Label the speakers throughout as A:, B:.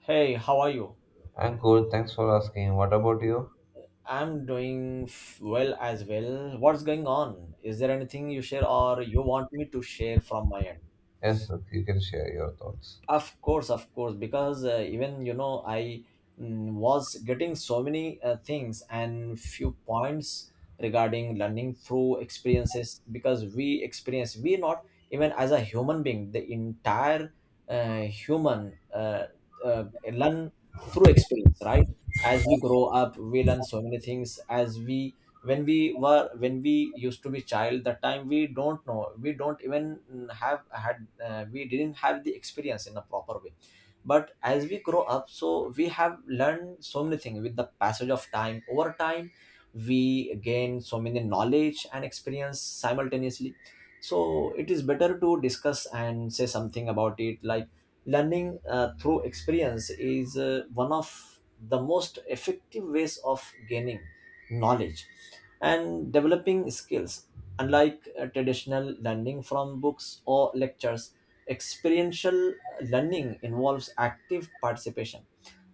A: Hey, how are you?
B: I'm good. Thanks for asking. What about you?
A: I'm doing well as well. What's going on? Is there anything you share or you want me to share from my end?
B: Yes, you can share your thoughts.
A: Of course, because I was getting so many things and few points regarding learning through experiences because we not even as a human being, the entire human uh, learn through experience, right? As we grow up, we learn so many things as we when we were when we used to be child that time we don't know we don't even mm, have had we didn't have the experience in a proper way, but as we grow up, so we have learned so many things with the passage of time over time. We gain so many knowledge and experience simultaneously, so it is better to discuss and say something about it like learning through experience is one of the most effective ways of gaining knowledge and developing skills. Unlike traditional learning from books or lectures, experiential learning involves active participation,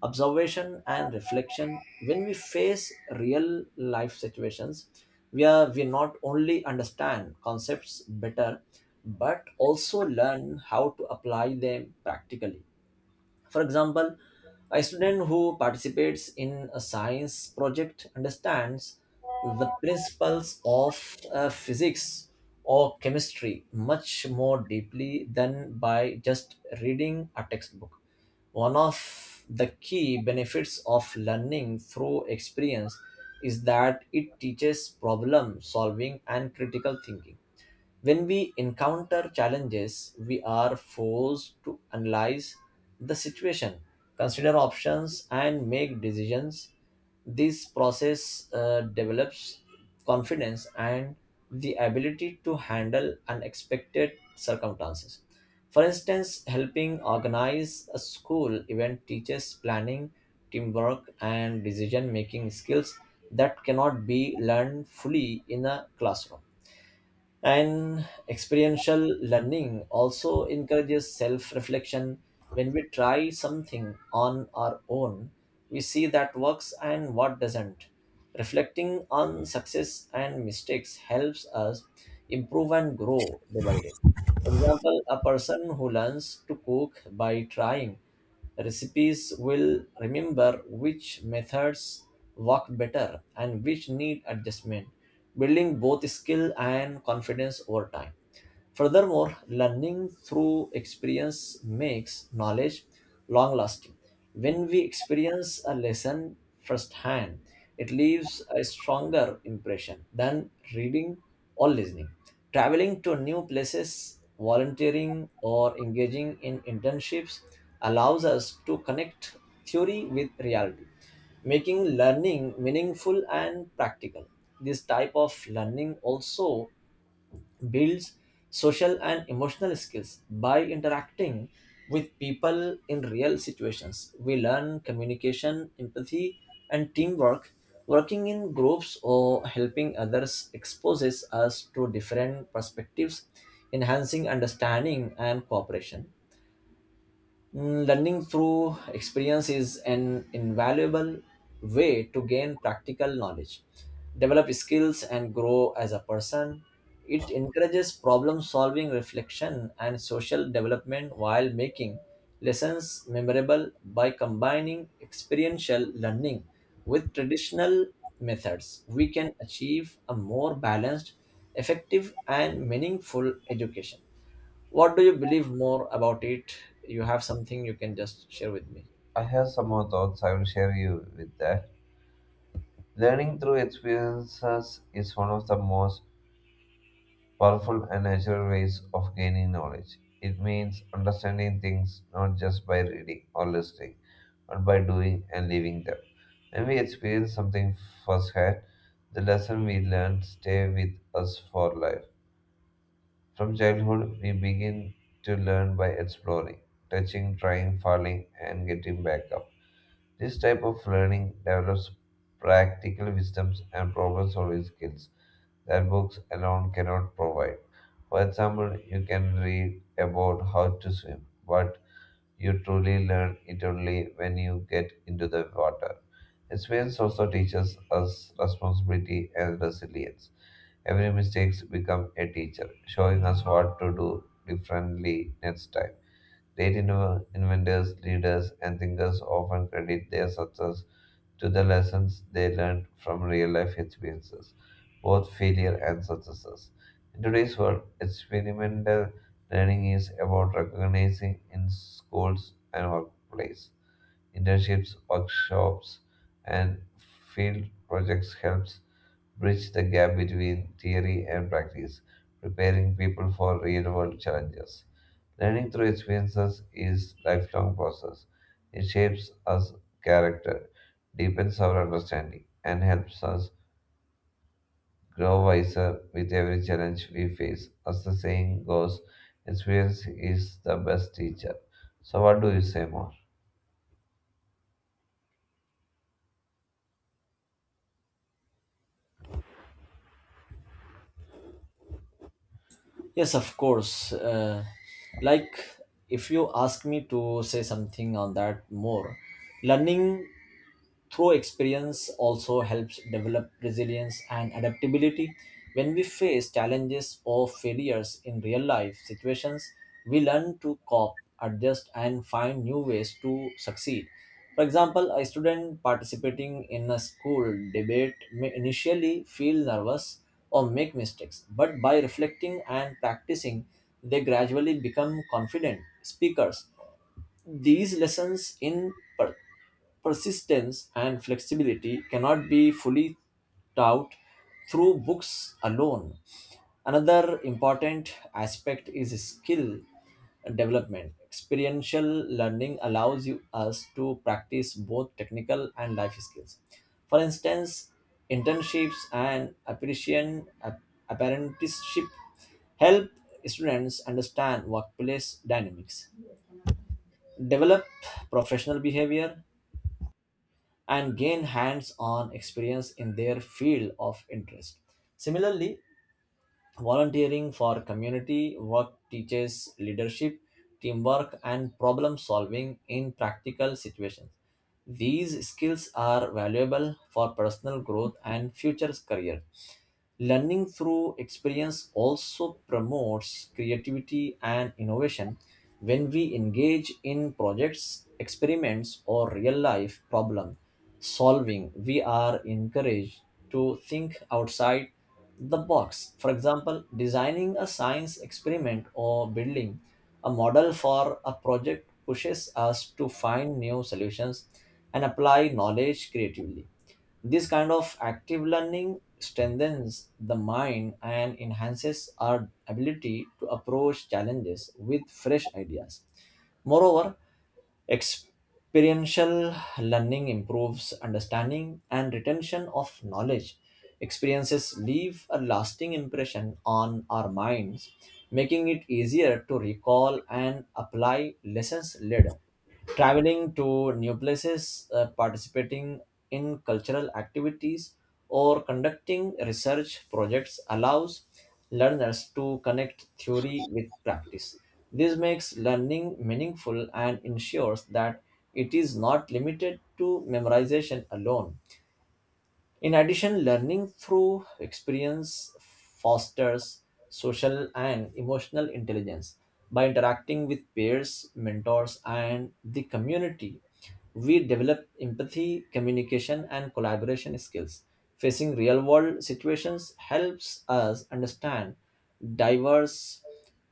A: observation, and reflection. When we face real life situations, we not only understand concepts better but also learn how to apply them practically. For example, a student who participates in a science project understands the principles of physics or chemistry much more deeply than by just reading a textbook. One of the key benefits of learning through experience is that it teaches problem solving and critical thinking. When we encounter challenges, we are forced to analyze the situation, consider options, and make decisions. This process develops confidence and the ability to handle unexpected circumstances. For instance, helping organize a school event teaches planning, teamwork, and decision making skills that cannot be learned fully in a classroom. And experiential learning also encourages self reflection. When we try something on our own, we see that works and what doesn't. Reflecting on success and mistakes helps us improve and grow day by day. For example, a person who learns to cook by trying recipes will remember which methods work better and which need adjustment, building both skill and confidence over time. Furthermore, learning through experience makes knowledge long lasting. When we experience a lesson firsthand, it leaves a stronger impression than reading or listening. Traveling to new places, volunteering, or engaging in internships allows us to connect theory with reality, making learning meaningful and practical. This type of learning also builds social and emotional skills by interacting with people in real situations. We learn communication, empathy, and teamwork. Working in groups or helping others exposes us to different perspectives, enhancing understanding and cooperation. Learning through experience is an invaluable way to gain practical knowledge, develop skills, and grow as a person. It encourages problem solving, reflection, and social development while making lessons memorable. By combining experiential learning with traditional methods, we can achieve a more balanced, effective, and meaningful education. What do you believe more about it? You have something you can just share with me.
B: I have some more thoughts. I will share you with that. Learning through experiences is one of the most powerful and natural ways of gaining knowledge. It means understanding things not just by reading or listening, but by doing and living them. When we experience something firsthand, the lesson we learn stay with us for life. From childhood, we begin to learn by exploring, touching, trying, falling, and getting back up. This type of learning develops practical wisdoms and problem solving skills that books alone cannot provide. For example, you can read about how to swim, but you truly learn it only when you get into the water. Experience also teaches us responsibility and resilience. Every mistake becomes a teacher, showing us what to do differently next time. Great inventors, leaders, and thinkers often credit their success to the lessons they learned from real life experiences, both failure and successes. In today's world, experimental learning is about recognizing in schools and workplace. Internships, workshops, and field projects helps bridge the gap between theory and practice, preparing people for real-world challenges. Learning through experiences is lifelong process. It shapes us character, deepens our understanding, and helps us grow wiser with every challenge we face. As the saying goes, experience is the best teacher. So what do you say more?
A: Yes, of course. Like, if you ask me to say something on that more, learning through experience also helps develop resilience and adaptability. When we face challenges or failures in real life situations, we learn to cope, adjust, and find new ways to succeed. For example, a student participating in a school debate may initially feel nervous or make mistakes, but by reflecting and practicing they gradually become confident speakers. These lessons in persistence and flexibility cannot be fully taught through books alone. Another important aspect is skill development. Experiential learning allows you us to practice both technical and life skills. For instance, internships and apprenticeship help students understand workplace dynamics, develop professional behavior, and gain hands on experience in their field of interest. Similarly, volunteering for community work teaches leadership, teamwork, and problem solving in practical situations. These skills are valuable for personal growth and future career. Learning through experience also promotes creativity and innovation. When we engage in projects, experiments, or real life problem solving, we are encouraged to think outside the box. For example, designing a science experiment or building a model for a project pushes us to find new solutions and apply knowledge creatively. This kind of active learning strengthens the mind and enhances our ability to approach challenges with fresh ideas. Moreover, experiential learning improves understanding and retention of knowledge. Experiences leave a lasting impression on our minds, making it easier to recall and apply lessons later. Traveling to new places, participating in cultural activities, or conducting research projects allows learners to connect theory with practice. This makes learning meaningful and ensures that it is not limited to memorization alone. In addition, learning through experience fosters social and emotional intelligence. By interacting with peers, mentors, and the community, we develop empathy, communication, and collaboration skills. Facing real world situations helps us understand diverse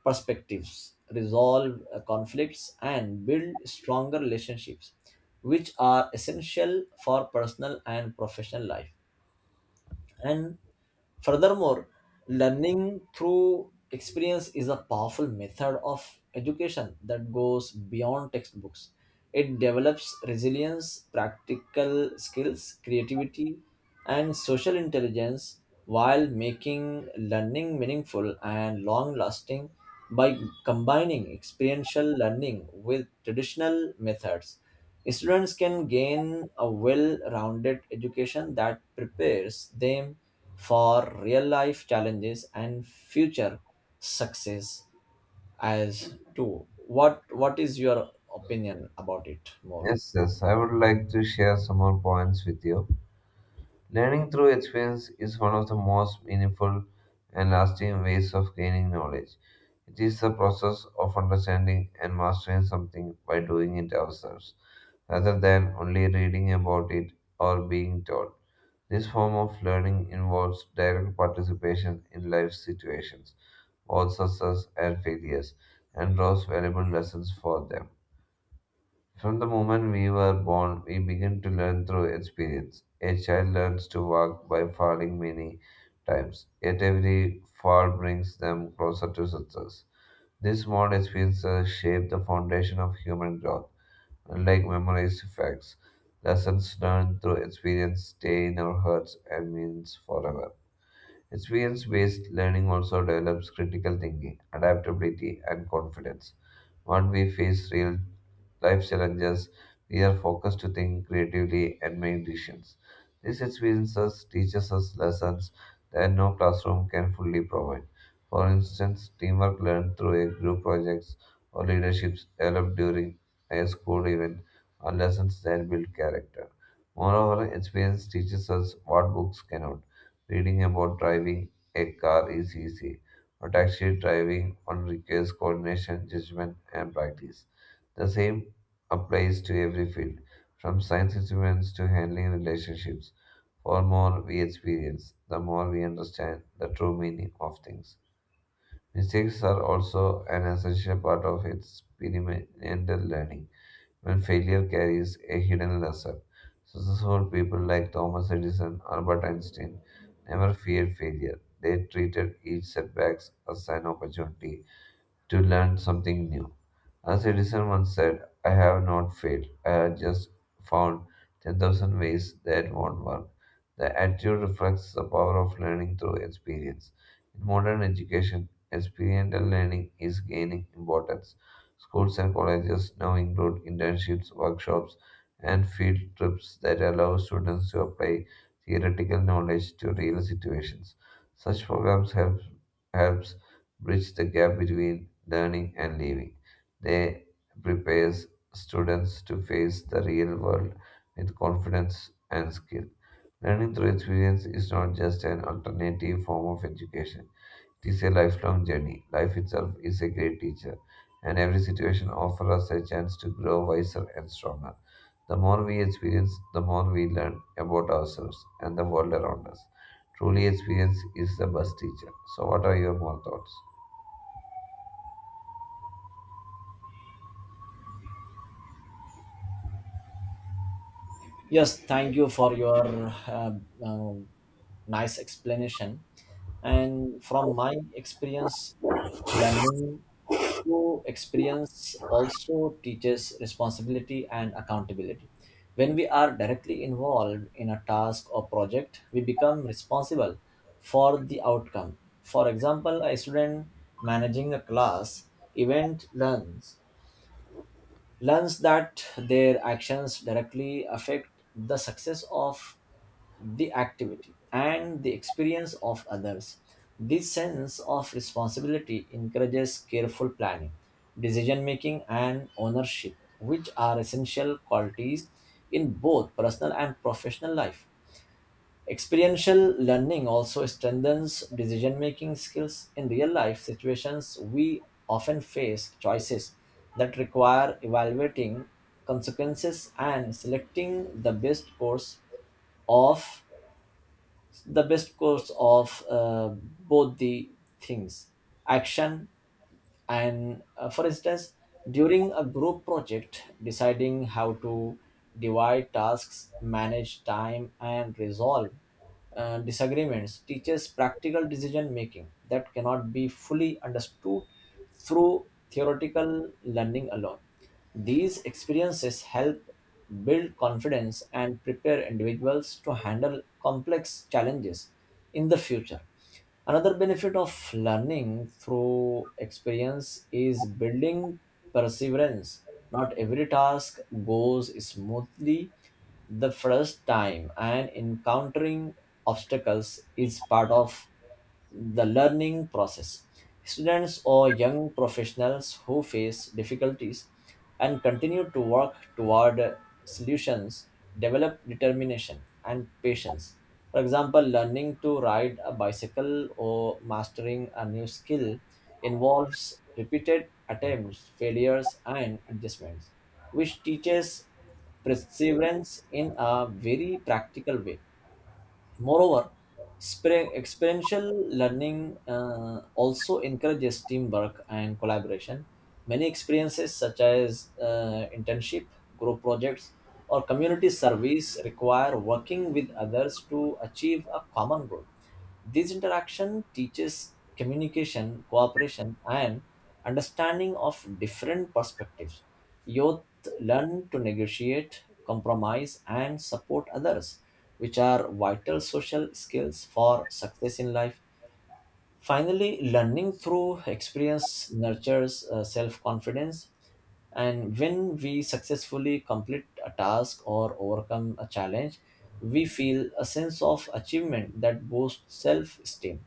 A: perspectives, resolve conflicts, and build stronger relationships, which are essential for personal and professional life. And furthermore, learning through experience is a powerful method of education that goes beyond textbooks. It develops resilience, practical skills, creativity, and social intelligence while making learning meaningful and long lasting. By combining experiential learning with traditional methods, students can gain a well rounded education that prepares them for real life challenges and future success. As to what is your opinion about it more?
B: Yes, yes, I would like to share some more points with you. Learning through experience is one of the most meaningful and lasting ways of gaining knowledge. It is the process of understanding and mastering something by doing it ourselves, rather than only reading about it or being taught. This form of learning involves direct participation in life situations, both success and failures, and draws valuable lessons for them. From the moment we were born, we begin to learn through experience. A child learns to walk by falling many times, yet every fall brings them closer to success. These small experiences shape the foundation of human growth. Unlike memorized facts, lessons learned through experience stay in our hearts and means forever. Experience based learning also develops critical thinking, adaptability, and confidence. When we face real life challenges, we are focused to think creatively and make decisions. These experiences teaches us lessons that no classroom can fully provide. For instance, teamwork learned through a group projects or leaderships developed during a school event are lessons that build character. Moreover, experience teaches us what books cannot. Reading about driving a car is easy, but actually driving one requires coordination, judgment, and practice. The same applies to every field, from science experiments to handling relationships. For more we experience, the more we understand the true meaning of things. Mistakes are also an essential part of experimental learning when failure carries a hidden lesson. Successful people like Thomas Edison, Albert Einstein, never feared failure. They treated each setback as an opportunity to learn something new. A citizen once said, I have not failed, I have just found 10,000 ways that won't work. The attitude reflects the power of learning through experience. In modern education, experiential learning is gaining importance. Schools and colleges now include internships, workshops, and field trips that allow students to apply theoretical knowledge to real situations. Such programs helps bridge the gap between learning and living. They prepares students to face the real world with confidence and skill. Learning through experience is not just an alternative form of education. It is a lifelong journey. Life itself is a great teacher, and every situation offers us a chance to grow wiser and stronger. The more we experience, the more we learn about ourselves and the world around us. Truly, experience is the best teacher. So, what are your more thoughts?
A: Yes, thank you for your uh, uh, nice explanation. And from my experience, learning through experience also teaches responsibility and accountability. When we are directly involved in a task or project, we become responsible for the outcome. For example, a student managing a class event learns that their actions directly affect the success of the activity and the experience of others. This sense of responsibility encourages careful planning, decision making, and ownership, which are essential qualities in both personal and professional life. Experiential learning also strengthens decision making skills. In real life situations, we often face choices that require evaluating consequences and selecting of the best course of both the things action. And for instance, during a group project, deciding how to divide tasks, manage time, and resolve disagreements teaches practical decision making that cannot be fully understood through theoretical learning alone. These experiences help build confidence and prepare individuals to handle complex challenges in the future. Another benefit of learning through experience is building perseverance. Not every task goes smoothly the first time, and encountering obstacles is part of the learning process. Students or young professionals who face difficulties and continue to work toward solutions develop determination and patience. For example, learning to ride a bicycle or mastering a new skill involves repeated attempts, failures, and adjustments, which teaches perseverance in a very practical way. Moreover, experiential learning also encourages teamwork and collaboration. Many experiences, such as internship, group projects, or community service, require working with others to achieve a common goal. This interaction teaches communication, cooperation, and understanding of different perspectives. Youth learn to negotiate, compromise, and support others, which are vital social skills for success in life. Finally, learning through experience nurtures self confidence, and when we successfully complete a task or overcome a challenge, we feel a sense of achievement that boosts self esteem.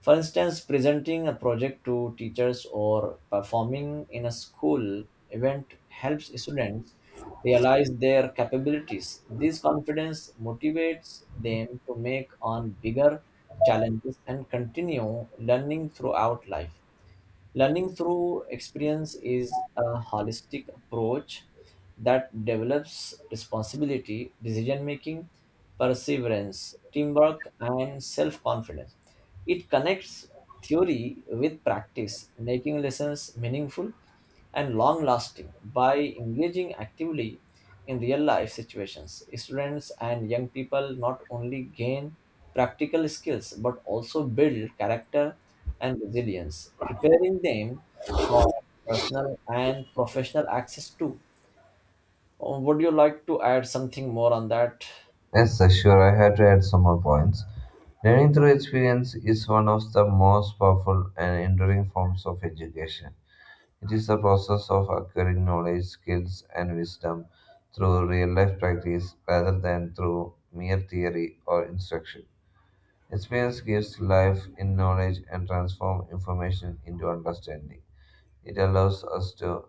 A: For instance, presenting a project to teachers or performing in a school event helps students realize their capabilities. This confidence motivates them to make on bigger challenges and continue learning throughout life. Learning through experience is a holistic approach that develops responsibility, decision making, perseverance, teamwork, and self confidence. It connects theory with practice, making lessons meaningful and long lasting by engaging actively in real life situations. Students and young people not only gain practical skills but also build character and resilience, preparing them for personal and professional access too. Would you like to add something more on that?
B: Yes, sir, sure. I had to add some more points. Learning through experience is one of the most powerful and enduring forms of education. It is the process of acquiring knowledge, skills, and wisdom through real life practice rather than through mere theory or instruction. Experience gives life in knowledge and transforms information into understanding. It allows us to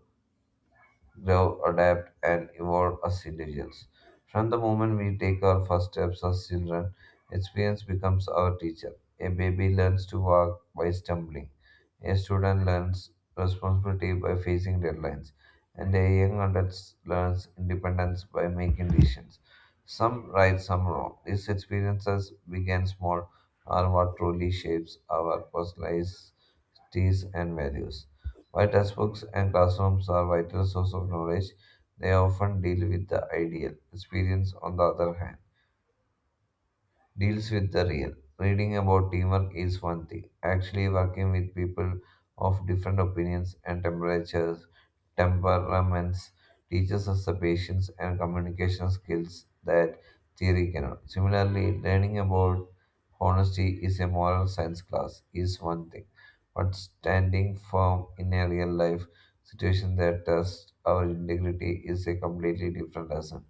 B: grow, adapt, and evolve as individuals. From the moment we take our first steps as children, experience becomes our teacher. A baby learns to walk by stumbling, a student learns responsibility by facing deadlines, and a young adult learns independence by making decisions. Some right, some wrong. These experiences, big and small, are what truly shapes our personalities and values. While textbooks and classrooms are vital sources of knowledge, they often deal with the ideal experience on the other hand deals with the real. Reading about teamwork is one thing. Actually, working with people of different opinions and temperaments teaches us the patience and communication skills that theory cannot. Similarly, learning about honesty is a moral science class is one thing, but standing firm in a real life situation that tests our integrity is a completely different lesson.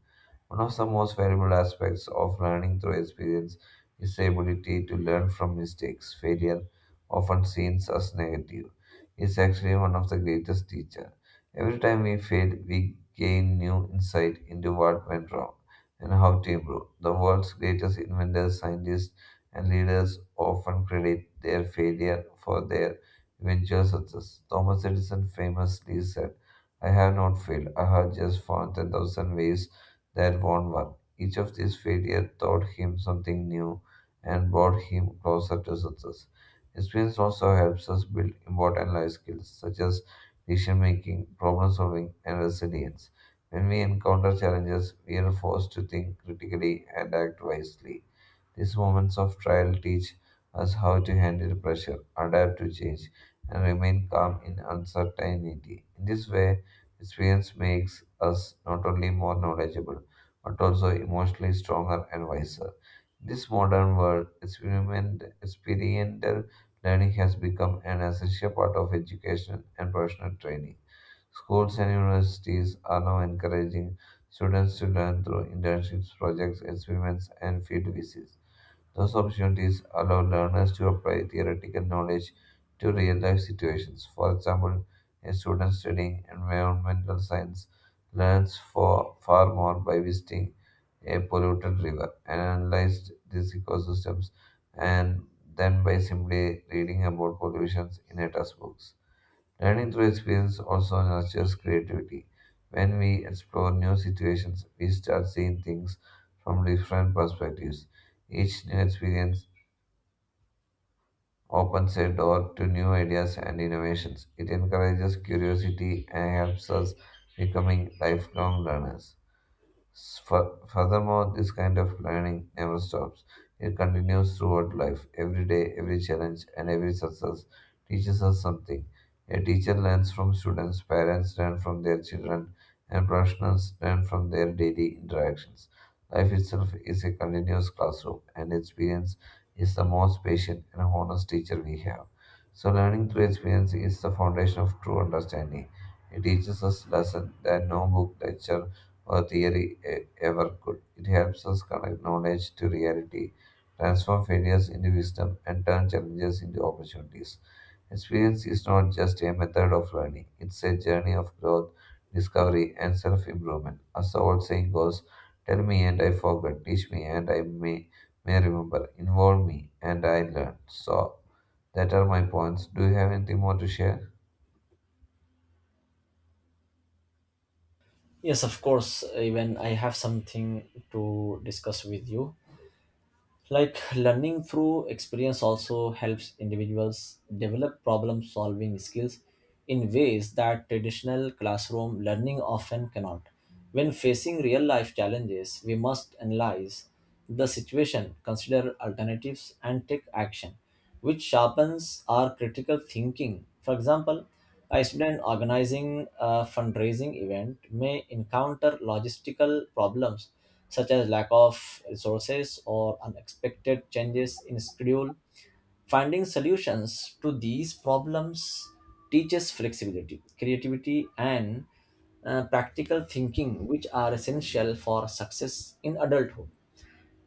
B: One of the most valuable aspects of learning through experience is the ability to learn from mistakes. Failure, often seen as negative, is actually one of the greatest teachers. Every time we fail, we gain new insight into what went wrong and how to improve. The world's greatest inventors, scientists, and leaders often credit their failure for their eventual success. Thomas Edison famously said, I have not failed. I have just found 10,000 ways that won't work. Each of these failures taught him something new and brought him closer to success. Experience also helps us build important life skills such as decision making, problem solving, and resilience. When we encounter challenges, we are forced to think critically and act wisely. These moments of trial teach us how to handle pressure, adapt to change, and remain calm in uncertainty. In this way, experience makes us not only more knowledgeable, but also emotionally stronger and wiser. In this modern world, experiential learning has become an essential part of education and professional training. Schools and universities are now encouraging students to learn through internships, projects, experiments, and field visits. Those opportunities allow learners to apply theoretical knowledge to real life situations. For example, a student studying environmental science learns for far more by visiting a polluted river and analyzed these ecosystems and then by simply reading about pollutions in a textbook. Learning through experience also nurtures creativity. When we explore new situations, we start seeing things from different perspectives. Each new experience opens a door to new ideas and innovations. It encourages curiosity and helps us becoming lifelong learners. Furthermore, this kind of learning never stops. It continues throughout life. Every day, every challenge, and every success teaches us something. A teacher learns from students, parents learn from their children, and professionals learn from their daily interactions. Life itself is a continuous classroom, and experience is the most patient and honest teacher we have. So, learning through experience is the foundation of true understanding. It teaches us lessons that no book, lecture, or theory ever could. It helps us connect knowledge to reality, transform failures into wisdom, and turn challenges into opportunities. Experience is not just a method of learning, it's a journey of growth, discovery, and self improvement. As the old saying goes, tell me and I forget, teach me and may remember, involve me and I learn. So, that are my points. Do you have anything more to share?
A: Yes, of course. Even I have something to discuss with you. Like learning through experience also helps individuals develop problem solving skills in ways that traditional classroom learning often cannot. When facing real life challenges, we must analyze the situation, consider alternatives, and take action, which sharpens our critical thinking. For example, a student organizing a fundraising event may encounter logistical problems such as lack of resources or unexpected changes in schedule. Finding solutions to these problems teaches flexibility, creativity, and practical thinking, which are essential for success in adulthood.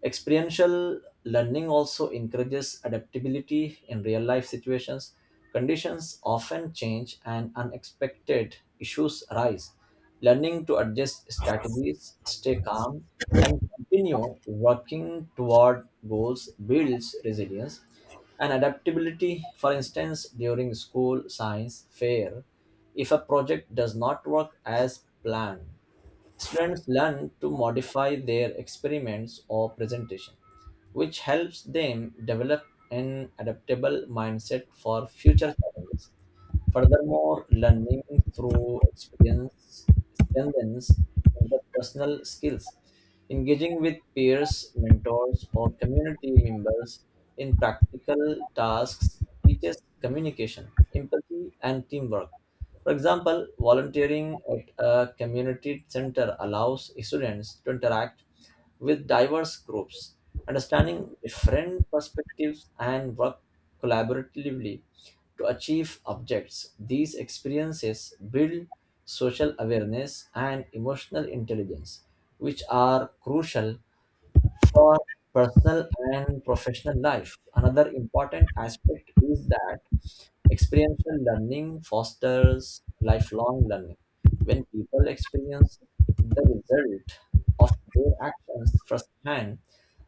A: Experiential learning also encourages adaptability in real life situations. Conditions often change and unexpected issues arise. Learning to adjust strategies, stay calm, and continue working toward goals builds resilience and adaptability. For instance, during school science fair, if a project does not work as planned, students learn to modify their experiments or presentation, which helps them develop an adaptable mindset for future challenges. Furthermore, learning through experience strengthens interpersonal skills. Engaging with peers, mentors, or community members in practical tasks teaches communication, empathy, and teamwork. For example, volunteering at a community center allows students to interact with diverse groups, understanding different perspectives and work collaboratively to achieve objects. These experiences build social awareness and emotional intelligence, which are crucial for personal and professional life. Another important aspect is that experiential learning fosters lifelong learning. When people experience the result of their actions firsthand,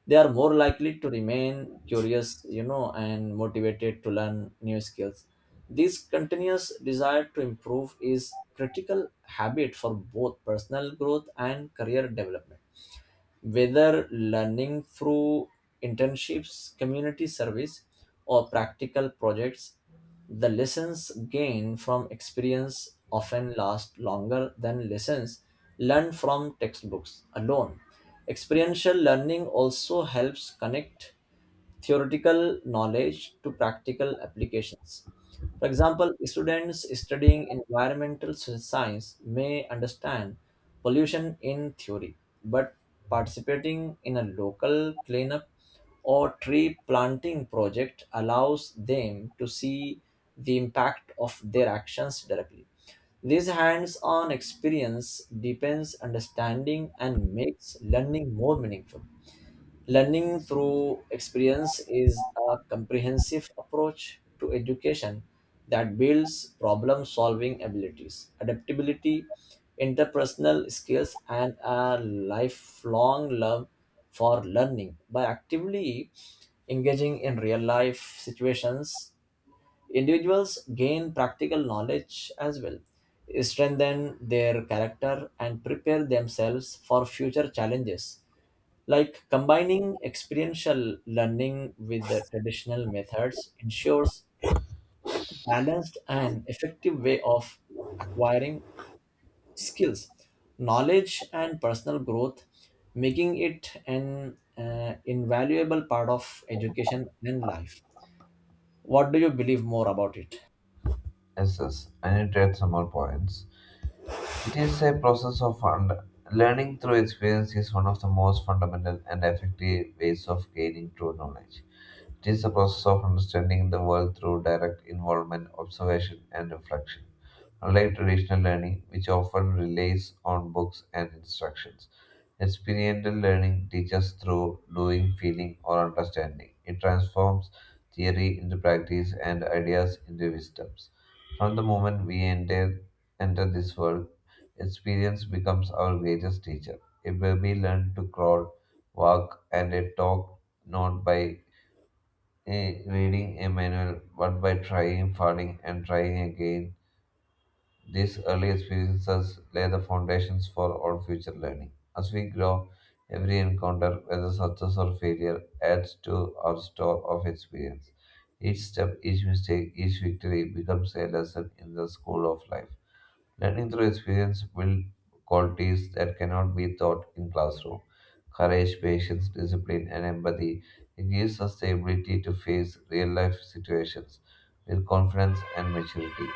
A: they are more likely to remain curious, and motivated to learn new skills. This continuous desire to improve is critical habit for both personal growth and career development. Whether learning through internships, community service, or practical projects, the lessons gained from experience often last longer than lessons learned from textbooks alone. Experiential learning also helps connect theoretical knowledge to practical applications. For example, students studying environmental science may understand pollution in theory, but participating in a local cleanup or tree planting project allows them to see the impact of their actions directly. This hands on experience deepens understanding and makes learning more meaningful. Learning through experience is a comprehensive approach to education that builds problem solving abilities, adaptability, interpersonal skills, and a lifelong love for learning. By actively engaging in real life situations, individuals gain practical knowledge as well, strengthen their character, and prepare themselves for future challenges. Like combining experiential learning with the traditional methods ensures balanced and effective way of acquiring skills, knowledge, and personal growth, making it an invaluable part of education and life. What do you believe more about it?
B: Yes, yes. I need to add some more points. It is a process of und- Learning through experience is one of the most fundamental and effective ways of gaining true knowledge. It is the process of understanding the world through direct involvement, observation, and reflection. Unlike traditional learning, which often relies on books and instructions, experiential learning teaches through doing, feeling, or understanding. It transforms theory into practice and ideas into wisdoms. From the moment enter this world, experience becomes our greatest teacher. A baby learns to crawl, walk, and a talk not by reading a manual, but by trying, failing, and trying again, these early experiences lay the foundations for all future learning. As we grow, every encounter, whether success or failure, adds to our store of experience. Each step, each mistake, each victory becomes a lesson in the school of life. Learning through experience builds qualities that cannot be taught in classroom. Courage, patience, discipline, and empathy. It gives us the ability to face real life situations with confidence and maturity.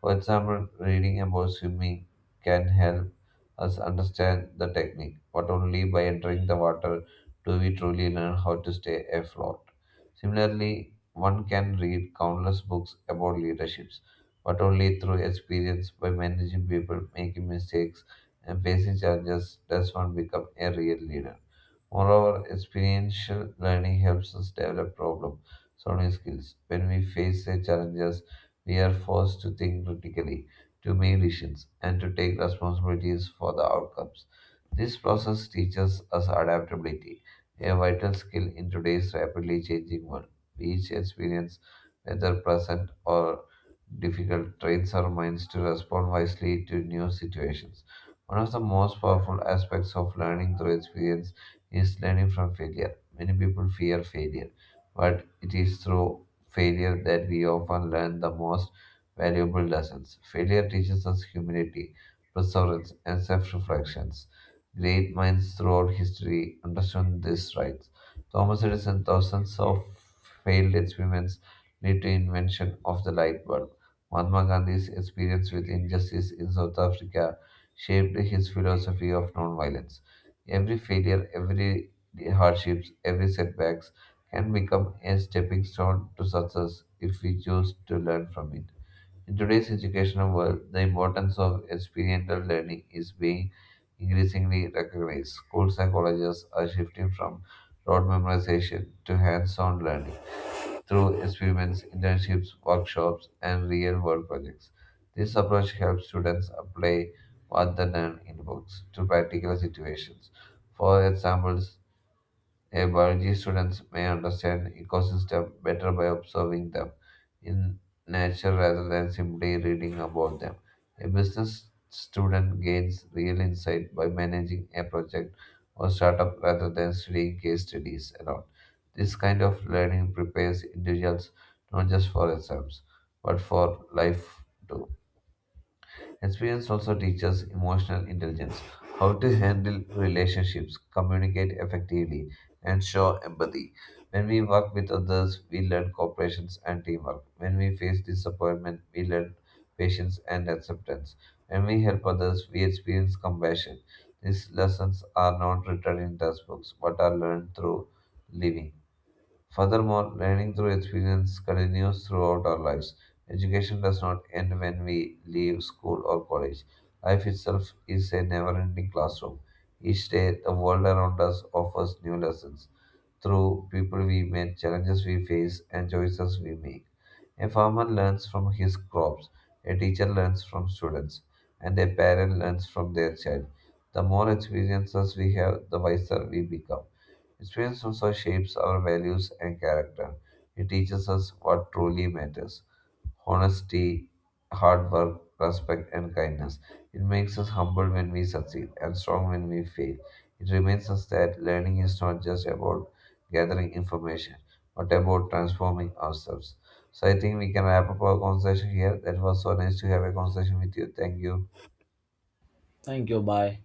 B: For example, reading about swimming can help us understand the technique, but only by entering the water do we truly learn how to stay afloat. Similarly, one can read countless books about leaderships but only through experience by managing people, making mistakes, and facing challenges does one become a real leader. Moreover, experiential learning helps us develop problem solving skills. When we face a challenges, we are forced to think critically, to make decisions, and to take responsibilities for the outcomes. This process teaches us adaptability, a vital skill in today's rapidly changing world. Each experience, whether pleasant or difficult, trains our minds to respond wisely to new situations. One of the most powerful aspects of learning through experience is learning from failure. Many people fear failure, but it is through failure that we often learn the most valuable lessons. Failure teaches us humility, perseverance, and self reflections. Great minds throughout history understood this right. Thomas Edison, thousands of failed experiments lead to invention of the light bulb. Mahatma Gandhi's experience with injustice in South Africa shaped his philosophy of nonviolence. Every failure, every hardships, every setbacks can become a stepping stone to success if we choose to learn from it. In today's educational world, the importance of experiential learning is being increasingly recognized. Schools and colleges are shifting from rote memorization to hands-on learning through experiments, internships, workshops, and real world projects. This approach helps students apply what they learn in books to practical situations. For examples, a biology students may understand ecosystem better by observing them in nature rather than simply reading about them. A business student gains real insight by managing a project or startup rather than studying case studies alone. This kind of learning prepares individuals not just for exams but for life too. Experience also teaches emotional intelligence, how to handle relationships, communicate effectively, and show empathy. When we work with others, we learn cooperation and teamwork. When we face disappointment, we learn patience and acceptance. When we help others, we experience compassion. These lessons are not written in textbooks but are learned through living. Furthermore, learning through experience continues throughout our lives. Education does not end when we leave school or college. Life itself is a never ending classroom. Each day, the world around us offers new lessons through people we meet, challenges we face, and choices we make. A farmer learns from his crops, a teacher learns from students, and a parent learns from their child. The more experiences we have, the wiser we become. Experience also shapes our values and character. It teaches us what truly matters honesty, hard work, respect, and kindness. It makes us humble when we succeed and strong when we fail. It reminds us that learning is not just about gathering information, but about transforming ourselves. So I think we can wrap up our conversation here. That was so nice to have a conversation with you. Thank you.
A: Thank you. Bye.